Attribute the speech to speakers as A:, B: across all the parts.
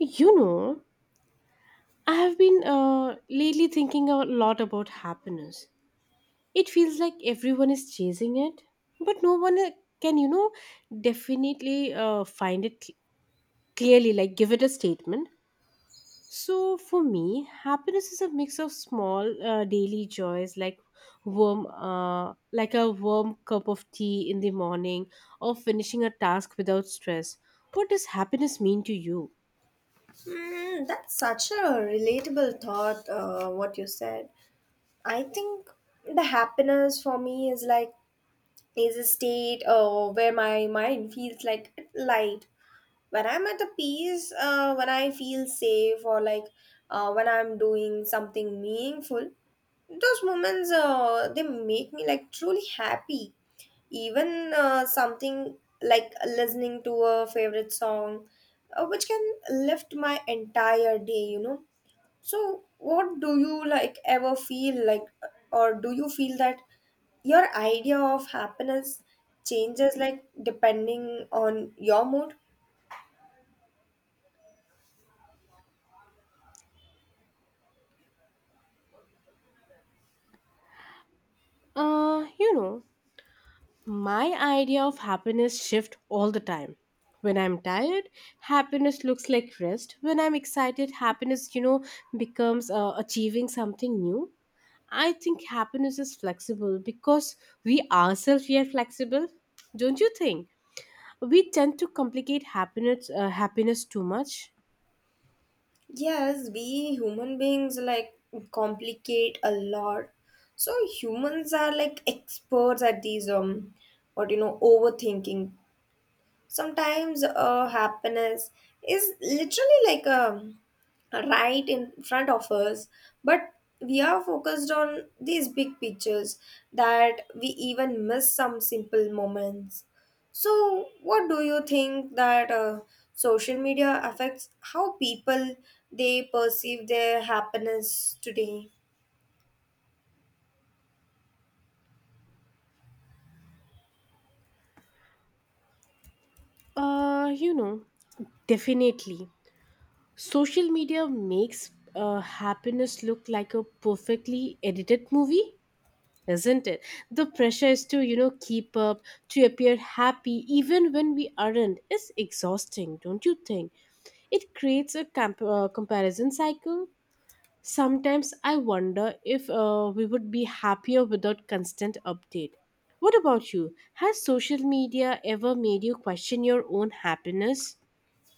A: You know, I have been lately thinking a lot about happiness. It feels like everyone is chasing it, but no one can, definitely find it clearly, like give it a statement. So for me, happiness is a mix of small daily joys, like like a warm cup of tea in the morning, or finishing a task without stress. What does happiness mean to you?
B: Mm, that's such a relatable thought, what you said. I think the happiness for me is a state where my mind feels like light when I'm at a peace, when I feel safe, or like when I'm doing something meaningful, those moments they make me like truly happy. Even something like listening to a favorite song, which can lift my entire day. So, what do you like ever feel like, or do you feel that your idea of happiness changes like depending on your mood?
A: Uh, you know, My idea of happiness shift all the time. When I'm tired, happiness looks like rest. When I'm excited, happiness becomes achieving something new. I think happiness is flexible because we are flexible. Don't you think? We tend to complicate happiness too much.
B: Yes, we human beings like complicate a lot. So humans are like experts at these what you know overthinking. Sometimes happiness is literally like a right in front of us, but we are focused on these big pictures that we even miss some simple moments. So, what do you think that social media affects how people they perceive their happiness today?
A: Uh, you know, Definitely. Social media makes happiness look like a perfectly edited movie. Isn't it? The pressure is to keep up, to appear happy, even when we aren't, is exhausting, don't you think? It creates a comparison cycle. Sometimes I wonder if we would be happier without constant update. What about you? Has social media ever made you question your own happiness?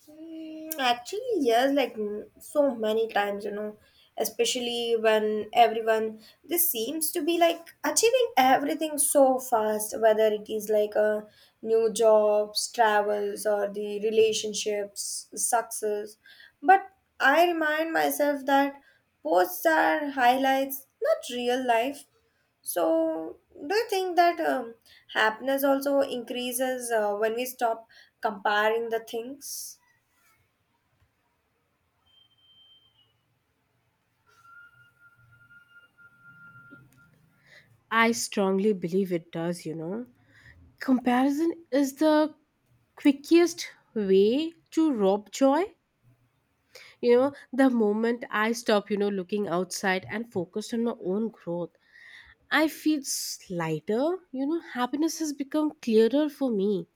B: Actually, yes, like so many times, you know, especially when everyone this seems to be like achieving everything so fast, whether it is like a new jobs, travels, or the relationships, success. But I remind myself that posts are highlights, not real life. So, do you think that happiness also increases when we stop comparing the things?
A: I strongly believe it does. Comparison is the quickest way to rob joy. The moment I stop, looking outside and focused on my own growth, I feel lighter. Happiness has become clearer for me,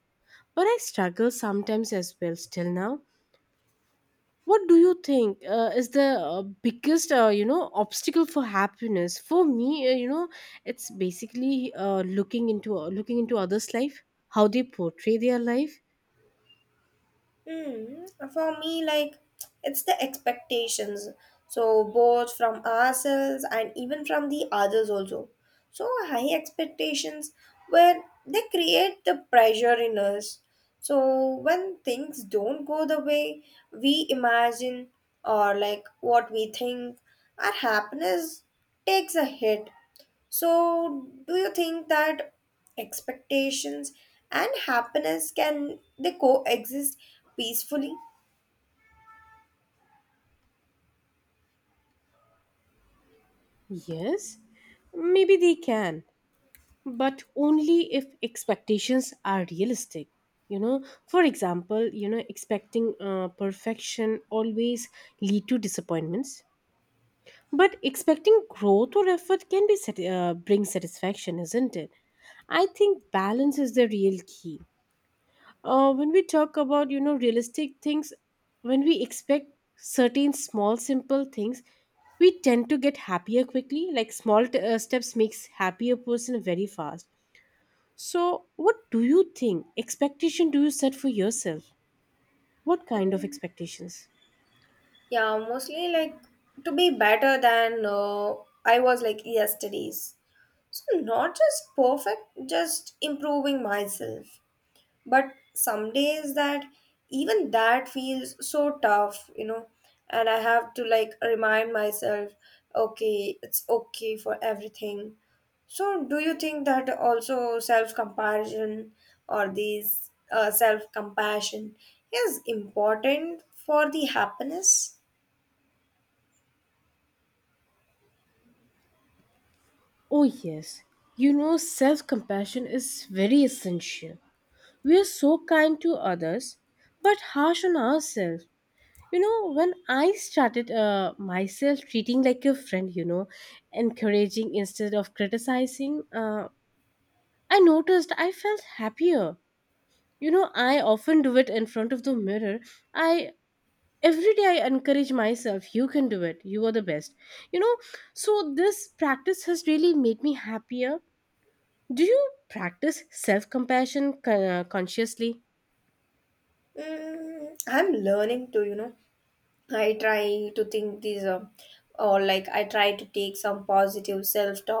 A: but I struggle sometimes as well still now. What do you think is the biggest obstacle for happiness? For me, it's basically looking into others' life, how they portray their life.
B: Hmm. For me, like, it's the expectations. So, both from ourselves and even from the others, also. So, high expectations where they create the pressure in us. So, when things don't go the way we imagine or like what we think, our happiness takes a hit. So, do you think that expectations and happiness can they coexist peacefully?
A: Yes, maybe they can, but only if expectations are realistic. For example, expecting perfection always lead to disappointments, but expecting growth or effort can be bring satisfaction, isn't it? I think balance is the real key. When we talk about realistic things, when we expect certain small simple things, we tend to get happier quickly, like small steps makes happier person very fast. So, what do you think expectation do you set for yourself? What kind of expectations?
B: Yeah, mostly like to be better than I was like yesterday's. So not just perfect, just improving myself. But some days that even that feels so tough, you know, and I have to like remind myself, okay, it's okay for everything. So do you think that also self comparison or these self compassion is important for the happiness?
A: Oh, yes. Self compassion is very essential. We are so kind to others, but harsh on ourselves. When I started myself treating like a friend, encouraging instead of criticizing, I noticed I felt happier. I often do it in front of the mirror. I Every day I encourage myself, you can do it, you are the best. you know so this practice has really made me happier. Do you practice self compassion consciously?
B: I'm learning to, you know. I try to think these, or like I try to take some positive self talk